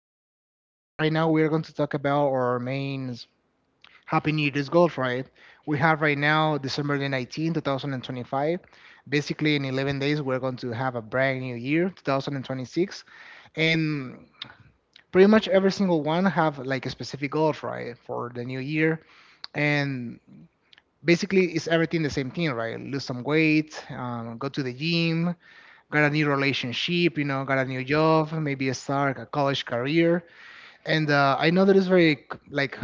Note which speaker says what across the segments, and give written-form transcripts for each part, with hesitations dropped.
Speaker 1: Milton, and right now we are going to talk about our main Happy New Year's goals, right? We have right now December the 19th, 2025. Basically, in 11 days, we're going to have a brand new year, 2026. And pretty much every single one have like a specific goal, right, for the new year. And basically, it's everything the same thing, right? Lose some weight, go to the gym, got a new relationship, you know, got a new job, maybe start a college career, and I know that is very c- like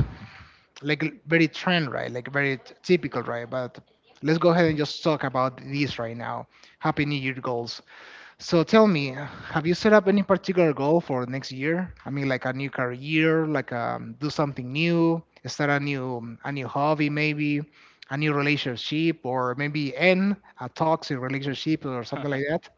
Speaker 1: like very trend, right, like very typical, right, but let's go ahead and just talk about these right now. Happy New Year goals. So tell me, have you set up any particular goal for next year? I mean, like a new career, like, do something new, start a new hobby, maybe a new relationship, or maybe end a toxic relationship or something like that.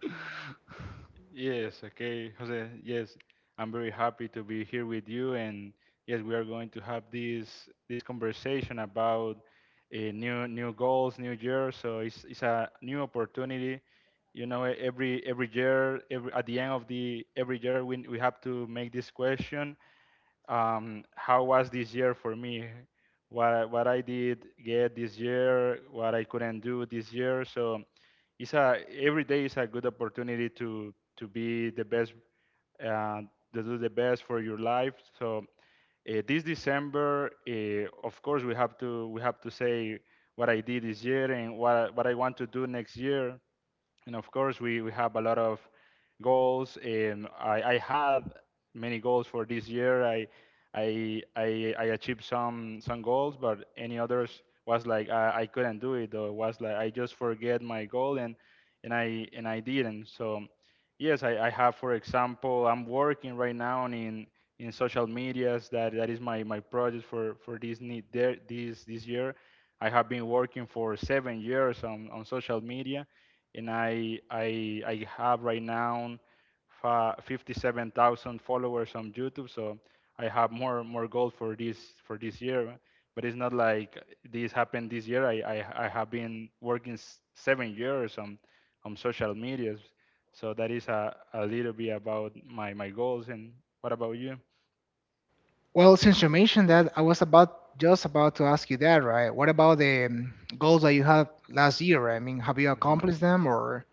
Speaker 1: Well, since you mentioned that, I was about just about to ask you that, right? What about the goals that you had last year, right? I mean, have you accomplished them or?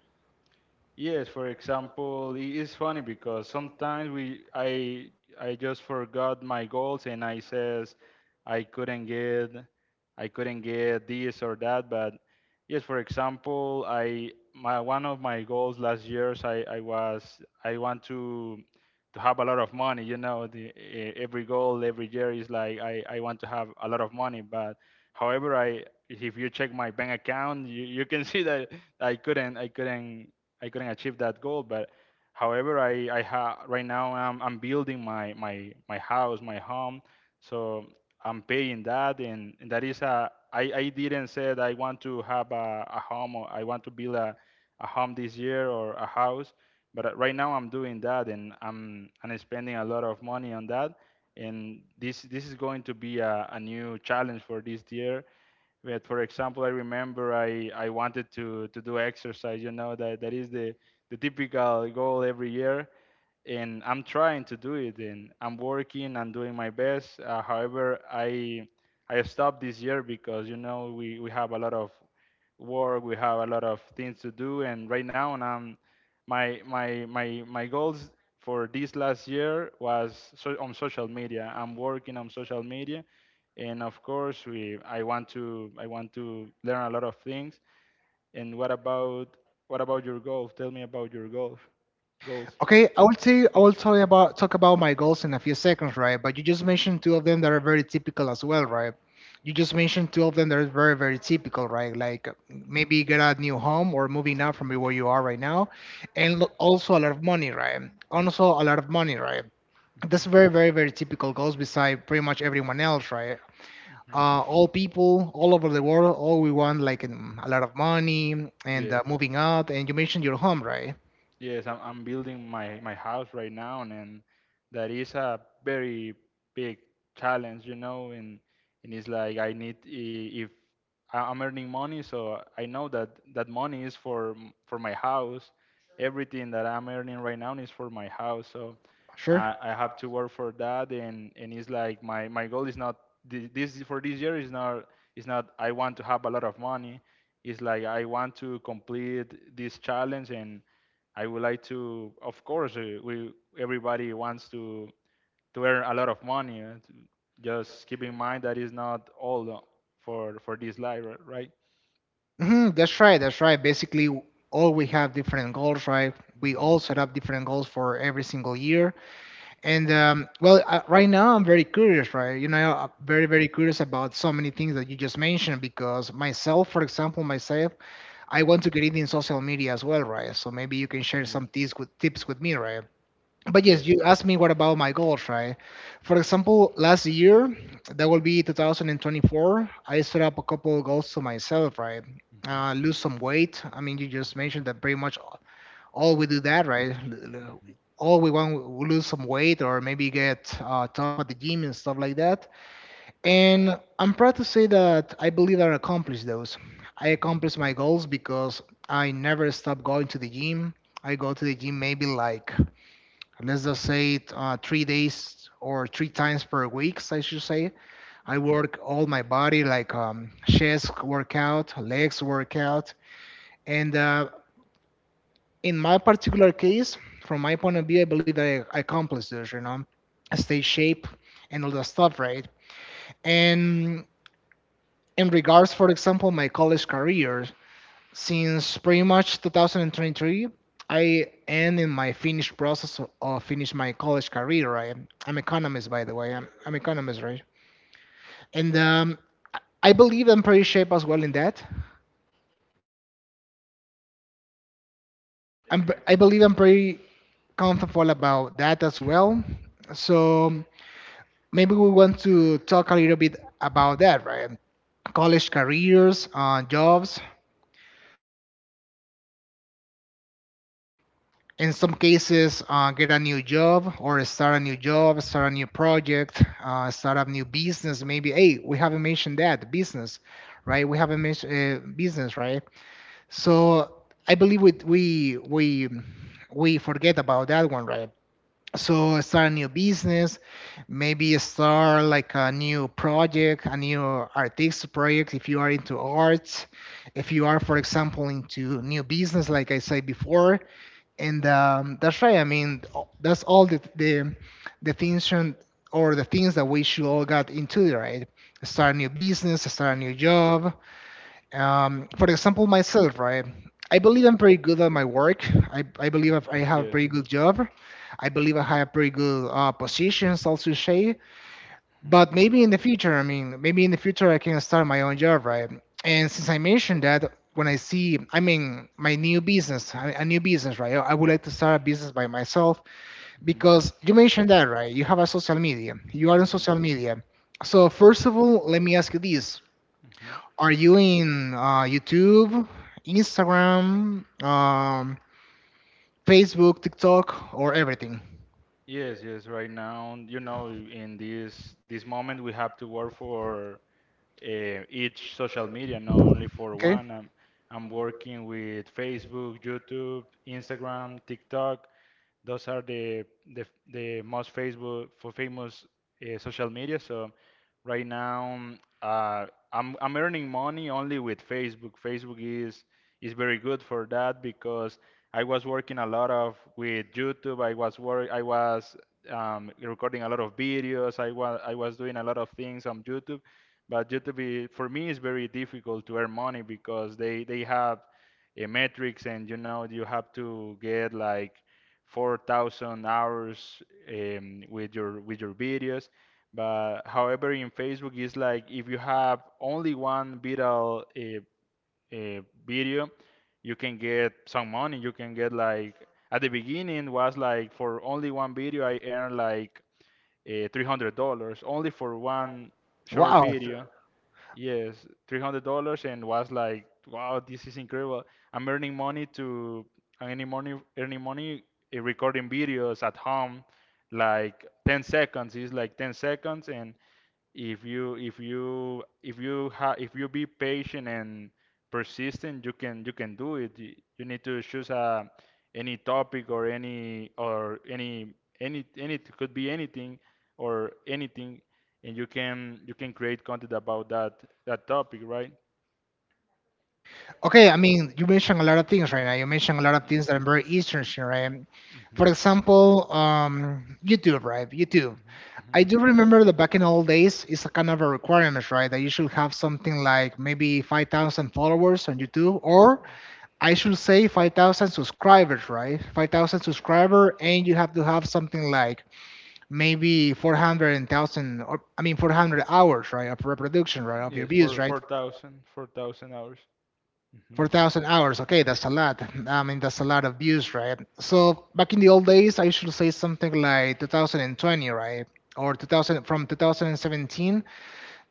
Speaker 1: Okay, I will tell you, I will tell you about talk about my goals in a few seconds, right? But you just mentioned two of them that are very typical as well, right? You just mentioned two of them that are very, very typical, right? Like, maybe get a new home or moving out from where you are right now, and also a lot of money, right? Also a lot of money, right? That's very, very, very typical goals beside pretty much everyone else, right? All people all over the world, all we want, like, a lot of money and moving out, and you mentioned your home, right? Sure. Hmm, that's right, that's right. Basically, all we have different goals, right? We all set up different goals for every single year, and right now I'm very curious, right? You know, I'm very, very curious about so many things that you just mentioned, because myself, for example, myself, I want to get it in social media as well, right? So maybe you can share some tips with me, right? But yes, you asked me what about my goals, right? For example, last year, that will be 2024, I set up a couple of goals to myself, right? Lose some weight. I mean, you just mentioned that pretty much all we do that, right? All we want, we lose some weight, or maybe get tough at the gym and stuff like that. And I'm proud to say that I believe I accomplished those. I accomplished my goals because I never stopped going to the gym. I go to the gym maybe, like, let's just say it, 3 days, or three times per week, I should say. I work all my body, like, chest workout, legs workout, and in my particular case, from my point of view, I believe that I accomplished this. You know, stay shape and all that stuff, right? And in regards, for example, my college career, since pretty much 2023, I am in my finished process of finish my college career. Right, I'm economist, by the way. I'm economist, right? And I believe I'm pretty shaped as well in that. I believe I'm pretty comfortable about that as well. So maybe we want to talk a little bit about that, right? College careers, jobs, in some cases, get a new job or start a new job, start a new project, start a new business. Maybe, hey, we haven't mentioned that, business, right? We haven't mentioned, business, right? So I believe we forget about that one, right? So start a new business, maybe start like a new project, a new artistic project if you are into arts, if you are, for example, into new business like I said before, and that's right. I mean, that's all the things or the things that we should all got into, right? Start a new business, start a new job, for example, myself, right? I believe I'm pretty good at my work. I believe I have a
Speaker 2: Yes.
Speaker 1: pretty good job. I believe I have pretty good positions also, Shay. But maybe in the
Speaker 2: Hmm,
Speaker 1: future, I mean, maybe in the future I can start my own job, right? And since I mentioned that, when I see, I mean, my new business, a new business, right? I would like to start a business by myself,
Speaker 2: hmm.
Speaker 1: because you
Speaker 2: Mhm,
Speaker 1: mentioned that, right? You have a social media. You are on social media. So first of all, let me ask you this:
Speaker 2: mhm.
Speaker 1: are you in YouTube, Instagram, Facebook, TikTok, or everything?
Speaker 2: Yes, yes. Right now, in this moment, we have to work for each social media, not only for
Speaker 1: Okay.
Speaker 2: one. I'm working with Facebook, YouTube, Instagram, TikTok. Those are the most Facebook for famous social media. So right now, I'm earning money only with Facebook. Facebook is very good for that because I was working a lot of with YouTube. I was recording a lot of videos. I was doing a lot of things on YouTube, but YouTube for me is very difficult to earn money because they have a metrics, and you have to get like 4,000 hours with your videos. But however, in Facebook, it's like if you have only one viral uh, video, you can get some money. You can get like, at the beginning was like, for only one video, I earned like $300 only for one short
Speaker 1: Wow.
Speaker 2: video. Yes, $300, and was like, wow, this is incredible. I'm earning money to I'm earning money recording videos at home, like 10 seconds. It's like 10 seconds, and if you be patient and persistent, you can do it. You need to choose a any topic, or any it could be anything or anything and you can create content about that topic, right?
Speaker 1: Okay, I mean, you mentioned a lot of things right now. You mentioned a lot of things that are very interesting, right? For
Speaker 2: Mhm.
Speaker 1: example, YouTube, right? YouTube. I do remember that back in old days, it's a kind of a requirement, right? That you should have something like maybe 5,000 followers on YouTube, or I should say 5,000 subscribers, right? 5,000 subscriber, and you have to have something like maybe 400,000, or I mean 400 hours, right, of reproduction, right, of your
Speaker 2: Yes,
Speaker 1: views,
Speaker 2: for
Speaker 1: right?
Speaker 2: four thousand hours. Hmm.
Speaker 1: 4,000 hours. Okay, that's a lot. I mean, that's a lot of views, right? So back in the old days, I should say something like 2020, right? Or 2000, from 2017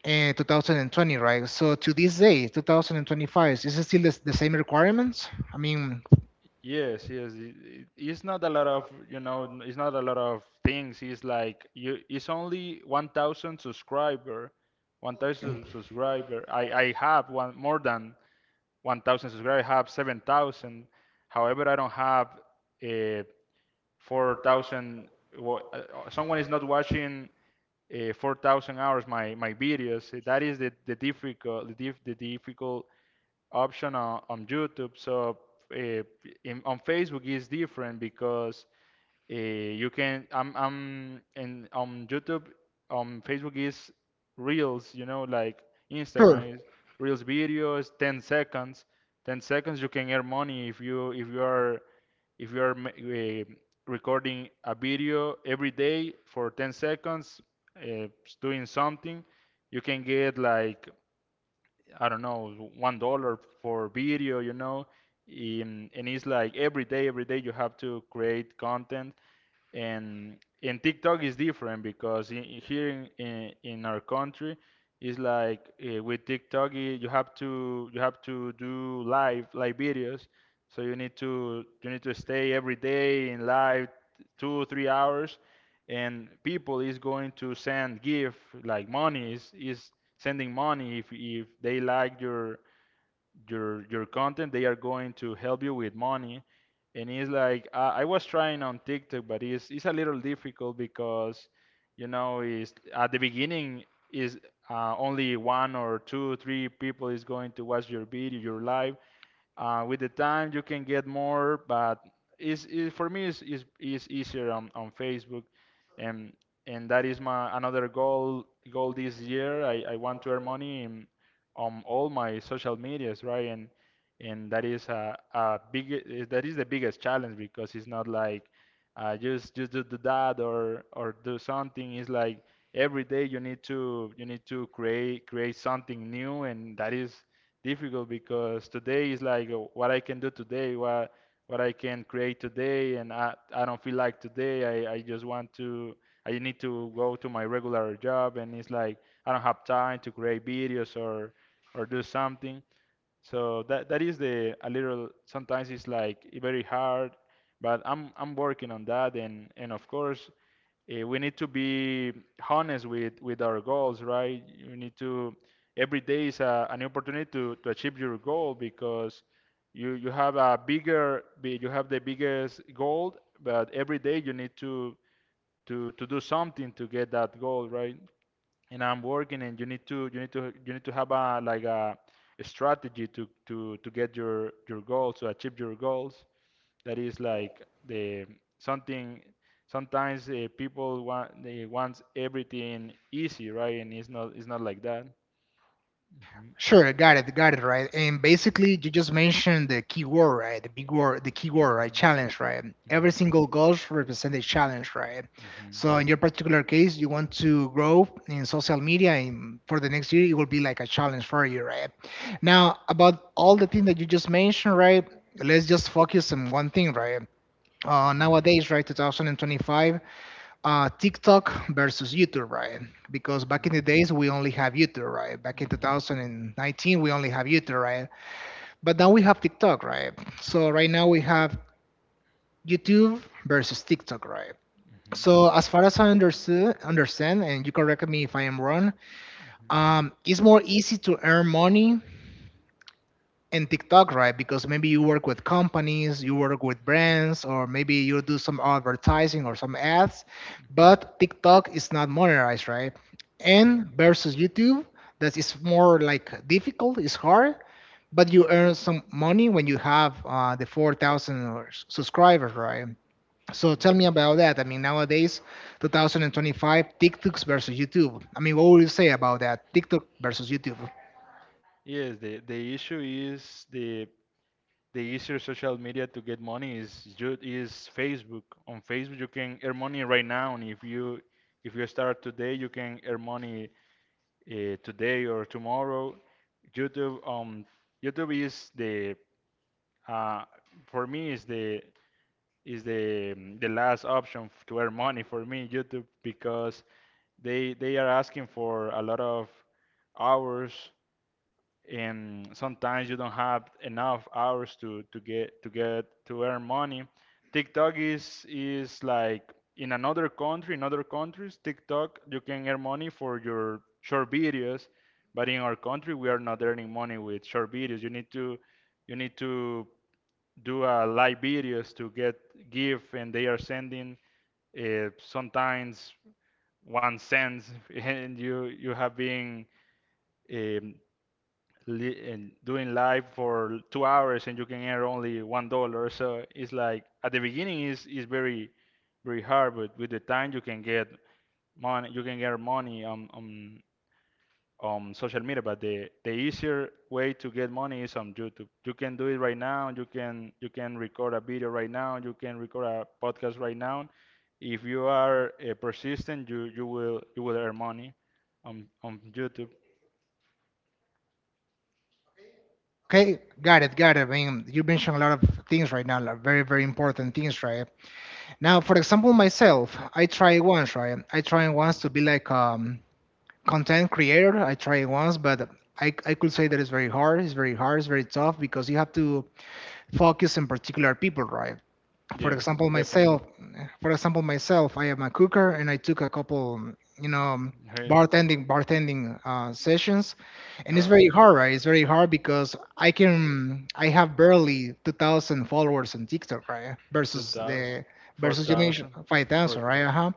Speaker 1: and 2020, right? So to this day, 2025, is it still the same requirements? I mean,
Speaker 2: Yes, yes. It's not a lot of, it's not a lot of things. It's like it's only 1,000 subscriber. I have one, more than 1,000 subscribers, I have 7,000. However, I don't have uh, 4,000. Someone is not watching 4,000 hours my videos. That is the difficult, the difficult option on YouTube. So, uh, on Facebook is different because, you can I'm in on YouTube, on Facebook is Reels, like
Speaker 1: sure.
Speaker 2: Instagram is Reels videos, 10 seconds. 10 seconds you can earn money if you are recording a video every day for 10 seconds, uh, doing something, you can get like, I don't know, $1 for video, and it's like every day you have to create content. And in TikTok is different because, here in our country is like, with TikTok, you have to do live videos, so you need to stay every day in live two three hours, and people is going to send gift like money, is sending money, if they like your content, they are going to help you with money. And it's like I was trying on tiktok, but it's a little difficult, because is at the beginning is only one or two three people is going to watch your video, your live, with the time, you can get more, but is for me is easier on Facebook. And and that is my another goal this year. I want to earn money on all my social medias, right? And that is that is the biggest challenge, because it's not like, just do that or do something. It's like every day you need to create something new, and that is difficult because today is like, what I can do today, what I can create today, and I don't feel like today. I just want to. I need to go to my regular job, and it's like, I don't have time to create videos or do something. So that is the a little. Sometimes it's like very hard, but I'm working on that, and of course, we need to be honest with our goals, right? you need to Every day is an opportunity to achieve your goal, because you have you have the biggest goal. But every day you need to do something to get that goal, right? And I'm working, and you need to you need to you need to have a like a strategy to get your goals, to achieve your goals. That is like the something. Sometimes, people want they wants everything easy, right? And it's not like that. Hmm.
Speaker 1: Sure, got it, right. And basically, you just mentioned the key word, right? The big word, the key word, right? Challenge, right? Every single goal represents a challenge, right?
Speaker 2: Mhm. Mhm.
Speaker 1: So in your particular case, you want to grow in social media, and for the next year, it will be like a challenge for you, right? Now, about all the things that you just mentioned, right? Let's just focus on one thing, right? Nowadays, right, 2025, TikTok versus YouTube, right? Because back
Speaker 2: Mhm.
Speaker 1: in the days we only have YouTube, right? Back in
Speaker 2: Mhm. Mhm.
Speaker 1: 2019 we only have YouTube, right? But now we have TikTok, right? So right now we have YouTube versus TikTok, right?
Speaker 2: Mhm.
Speaker 1: So as far
Speaker 2: Mhm.
Speaker 1: as I understand, and you correct me if I am wrong, it's more easy to earn money and TikTok, right? Because maybe you work with companies, you work with brands, or maybe you do some advertising or some ads, but
Speaker 2: Mhm.
Speaker 1: TikTok is not monetized, right? And versus YouTube, that is more like difficult, it's hard, but you earn some money when you have the 4,000 or subscribers, right? So tell me about that. I mean, nowadays, 2025, TikToks versus YouTube. I mean, what would you say about that? TikTok versus YouTube.
Speaker 2: Yes, the issue is, the easier social media to get money is Facebook. On Facebook you can earn money right now, and if you start today, you can earn money today or tomorrow. YouTube um YouTube is the uh, for me is the last option to earn money for me, YouTube, because they are asking for a lot of hours, and sometimes you don't have enough hours to earn money. TikTok is like, in another country, in other countries, TikTok you can earn money for your short videos, but in our country we are not earning money with short videos. You need to do live videos to get give, and they are sending sometimes 1 cents, and you have been um, and doing live for 2 hours, and you can earn only $1. So it's like at the beginning is very, very hard, but with the time you can get money, you can earn money on social media. But the easier
Speaker 1: Okay, got it, got it. I mean, you mentioned a lot of things right now, like very, very important things, right? Now, for example, myself, I try once, right? I try once to be like content creator. I tried once, but I could say that it's very hard, it's very hard, it's very tough, because you have to focus on particular people, right? For example, myself, for example, myself, I am a cooker, and I took a couple, you know, bartending sessions, and it's very hard, right? It's very hard because I have barely 2,000 followers on TikTok, right, versus the versus you mentioned 5,000, right? Uh-huh.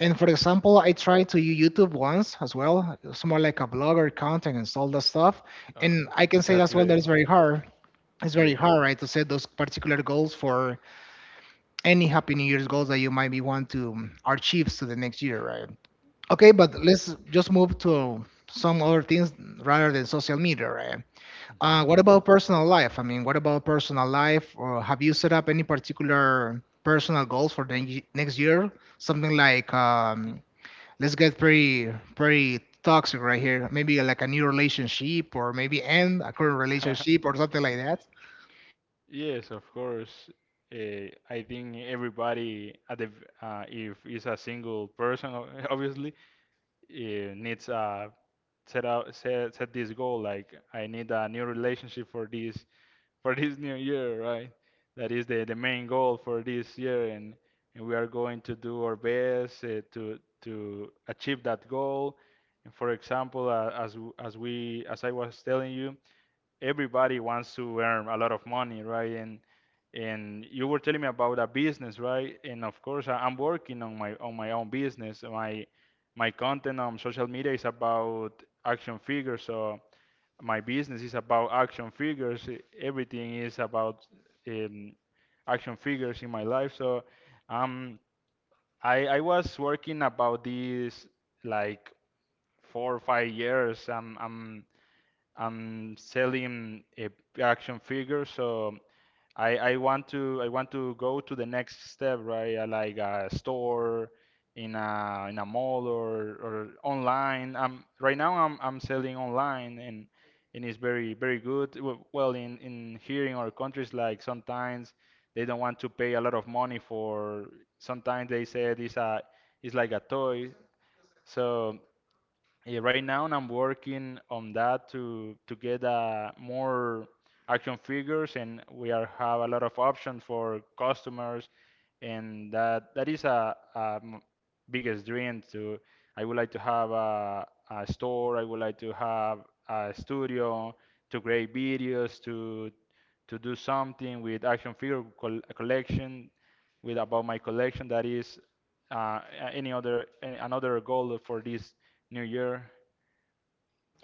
Speaker 1: And for example, I tried to use YouTube once as well. It's more like a blogger content and all that stuff. And I can say as well that it's very hard. It's very hard, right, to set those particular goals for any Happy New Year's goals that you might be want to achieve to the next year, right? Okay, but let's just move to some other things rather than social media, right? What about personal life? I mean, what about personal life? Or have you set up any particular personal goals for the next year? Something like, let's get pretty pretty toxic right here. Maybe like a new relationship, or maybe end a current relationship, or something like that.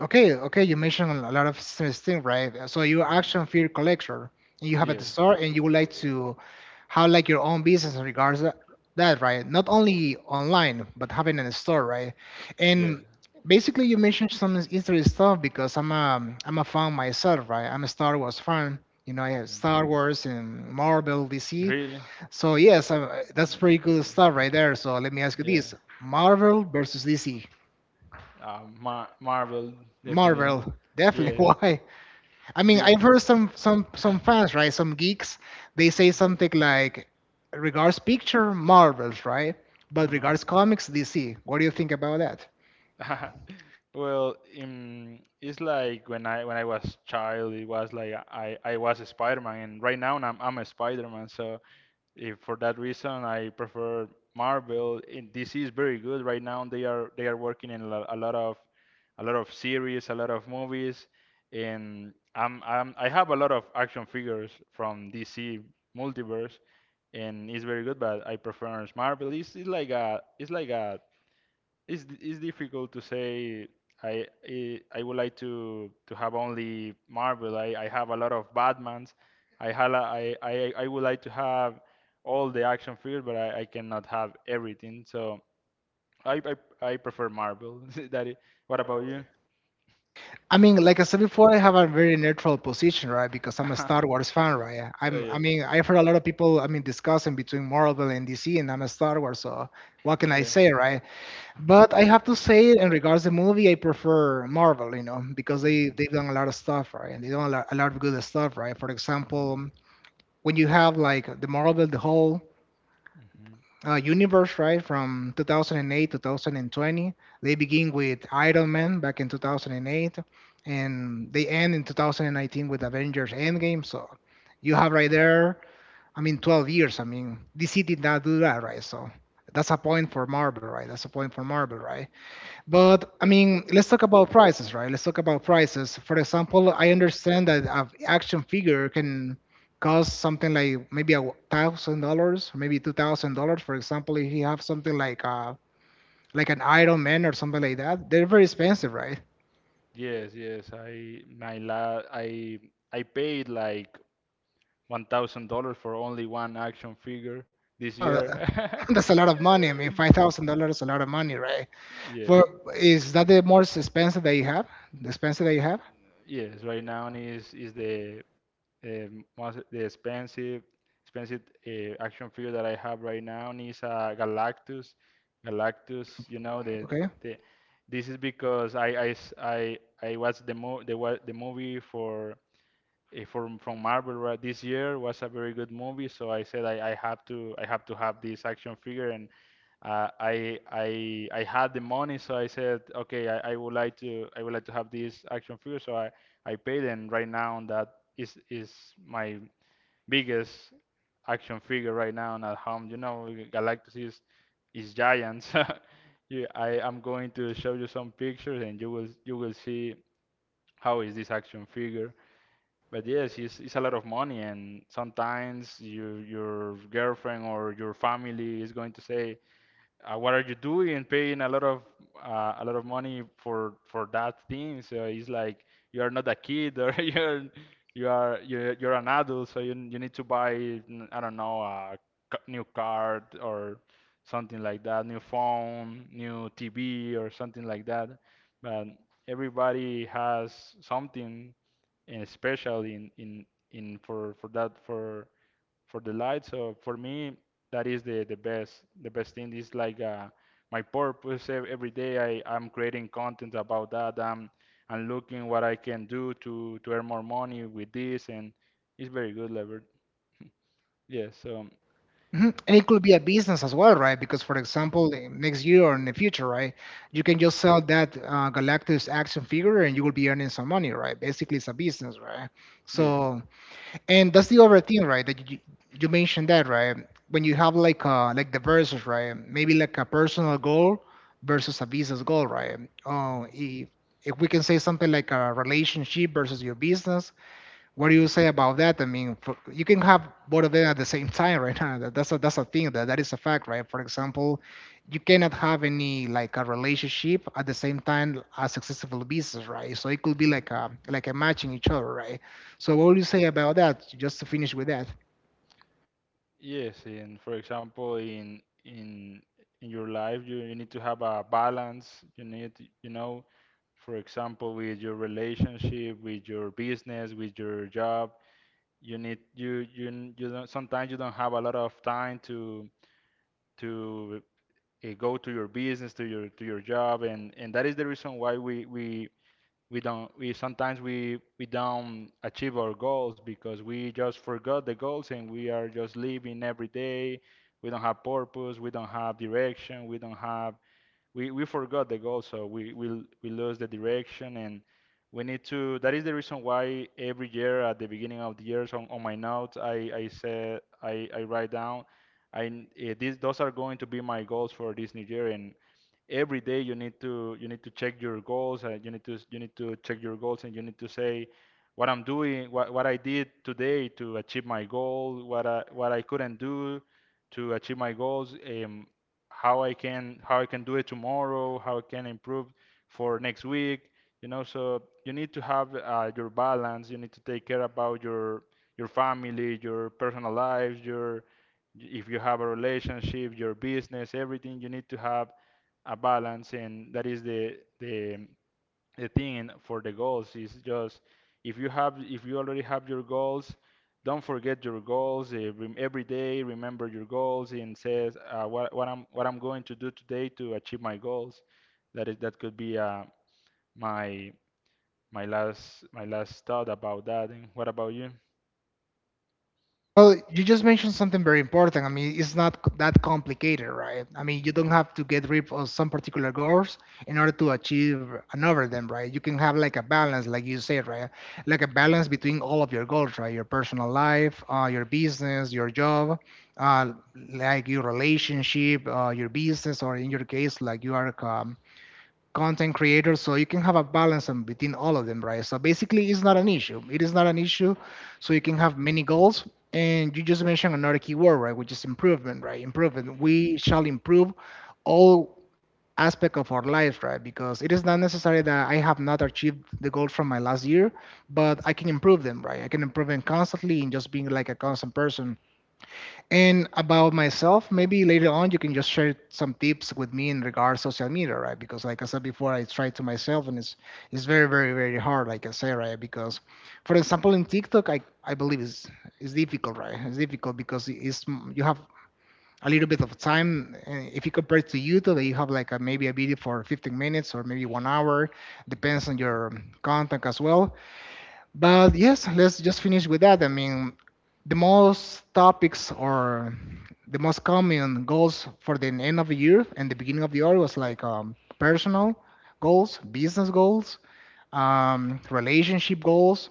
Speaker 1: Okay, okay, you mentioned a lot of things, right? So you're action figure collector, and you have a store, and you would like to have like your own business in regards to that, right? Not only online, but having a store, right? And basically, you mentioned some interesting stuff, because I'm a fan myself, right? I'm a Star Wars fan. You know, I have Star Wars and Marvel, DC. So yes, that's pretty cool stuff right there. So let me ask you this: Marvel versus DC. Marvel, definitely. Why? I mean, I've heard some fans, right? Some geeks, they say something like, "Regards picture, Marvels, right? But regards comics, DC." What do you think about that? I mean, like I said before, I have a very neutral position, right? Because I'm a Star Wars fan, right? I've heard a lot of people, discussing between Marvel and DC, and I'm a Star Wars, so what can I say, right? But I have to say, in regards to movie, I prefer Marvel, you know, because they've done a lot of stuff, right? And they done a lot of good stuff, right? For example, when you have like the Marvel, the whole universe, right, from 2008 to 2020, they begin with Iron Man back in 2008, and they end in 2019 with Avengers Endgame. So you have right there, I mean, 12 years. I mean, DC did not do that, right? So that's a point for Marvel, right? That's a point for Marvel, right? But I mean, let's talk about prices, right? Let's talk about prices. For example, I understand that an action figure can cost something like maybe $1,000, maybe $2,000. For example, if you have something like like an Iron Man or something like that, they're very expensive, right? Oh, that's a lot of money. I mean, $5,000 is a lot of money, right? For is that the most expensive that you have? The expensive that you have? Okay. Mhm. And it could be a business as well, right? Because, for example, in next year or in the future, right, you can just sell that Galactus action figure and you will be earning some money, right? Basically, it's a business, right? So, and that's the other thing, right? That you mentioned that, right? When you have like like the versus, right? Maybe like a personal goal versus a business goal, right? Uh, if if we can say something like a relationship versus your business, what do you say about that? I mean, for, you can have both of them at the same time right now. That's a thing that is a fact, right? For example, you cannot have any like a relationship at the same time as successful business, right? So it could be like a matching each other, right? So what would you say about that? Just to finish with that. Well, you just mentioned something very important. I mean, it's not that complicated, right? I mean, you don't have to get rid of some particular goals in order to achieve another of them, right? You can have like a balance, like you said, right? Like a balance between all of your goals, right? Your personal life, your business, your job, uh, like your relationship, your business, or in your case, like you are content creators, so you can have a balance in between all of them. Right so basically, it's not an issue, it is not an issue. So you can have many goals, and you just mentioned another keyword, right? Which is improvement, right? Improvement. We shall improve all aspect of our life, right? Because it is not necessary that I have not achieved the goals from my last year, but I can improve them, right? I can improve them constantly in just being like a constant person. And about myself, maybe later on you can just share some tips with me in regards social media, right? Because like I said before, I tried to myself and it's very, very, very hard, like I say, right? Because for example in TikTok I believe is difficult, right? It's difficult because it's you have a little bit of time, if you compare it to YouTube you have like a, maybe a video for 15 minutes or maybe 1 hour, depends on your content as well. But yes, let's just finish with that. I mean, the most topics or the most common goals for the end of the year and the beginning of the year was like personal goals, business goals, relationship goals,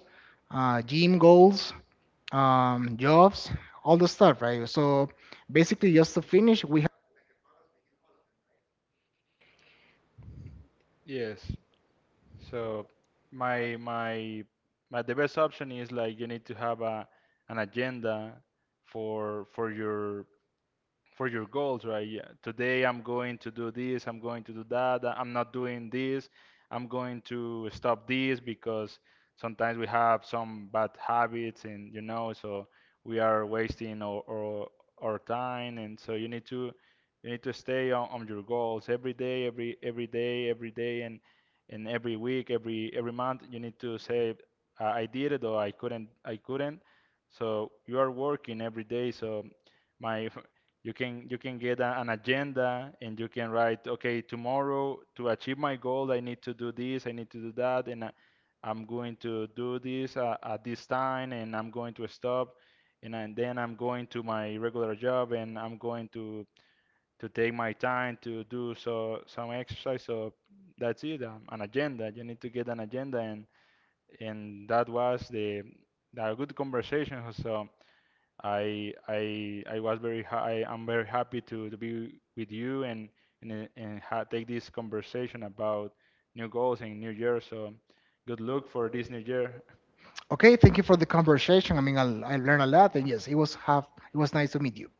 Speaker 1: gym goals, jobs, all the stuff, right? So basically, just to finish, we have. Okay. Thank you for the conversation. I mean, I learned a lot, and yes, it was have it was nice to meet you.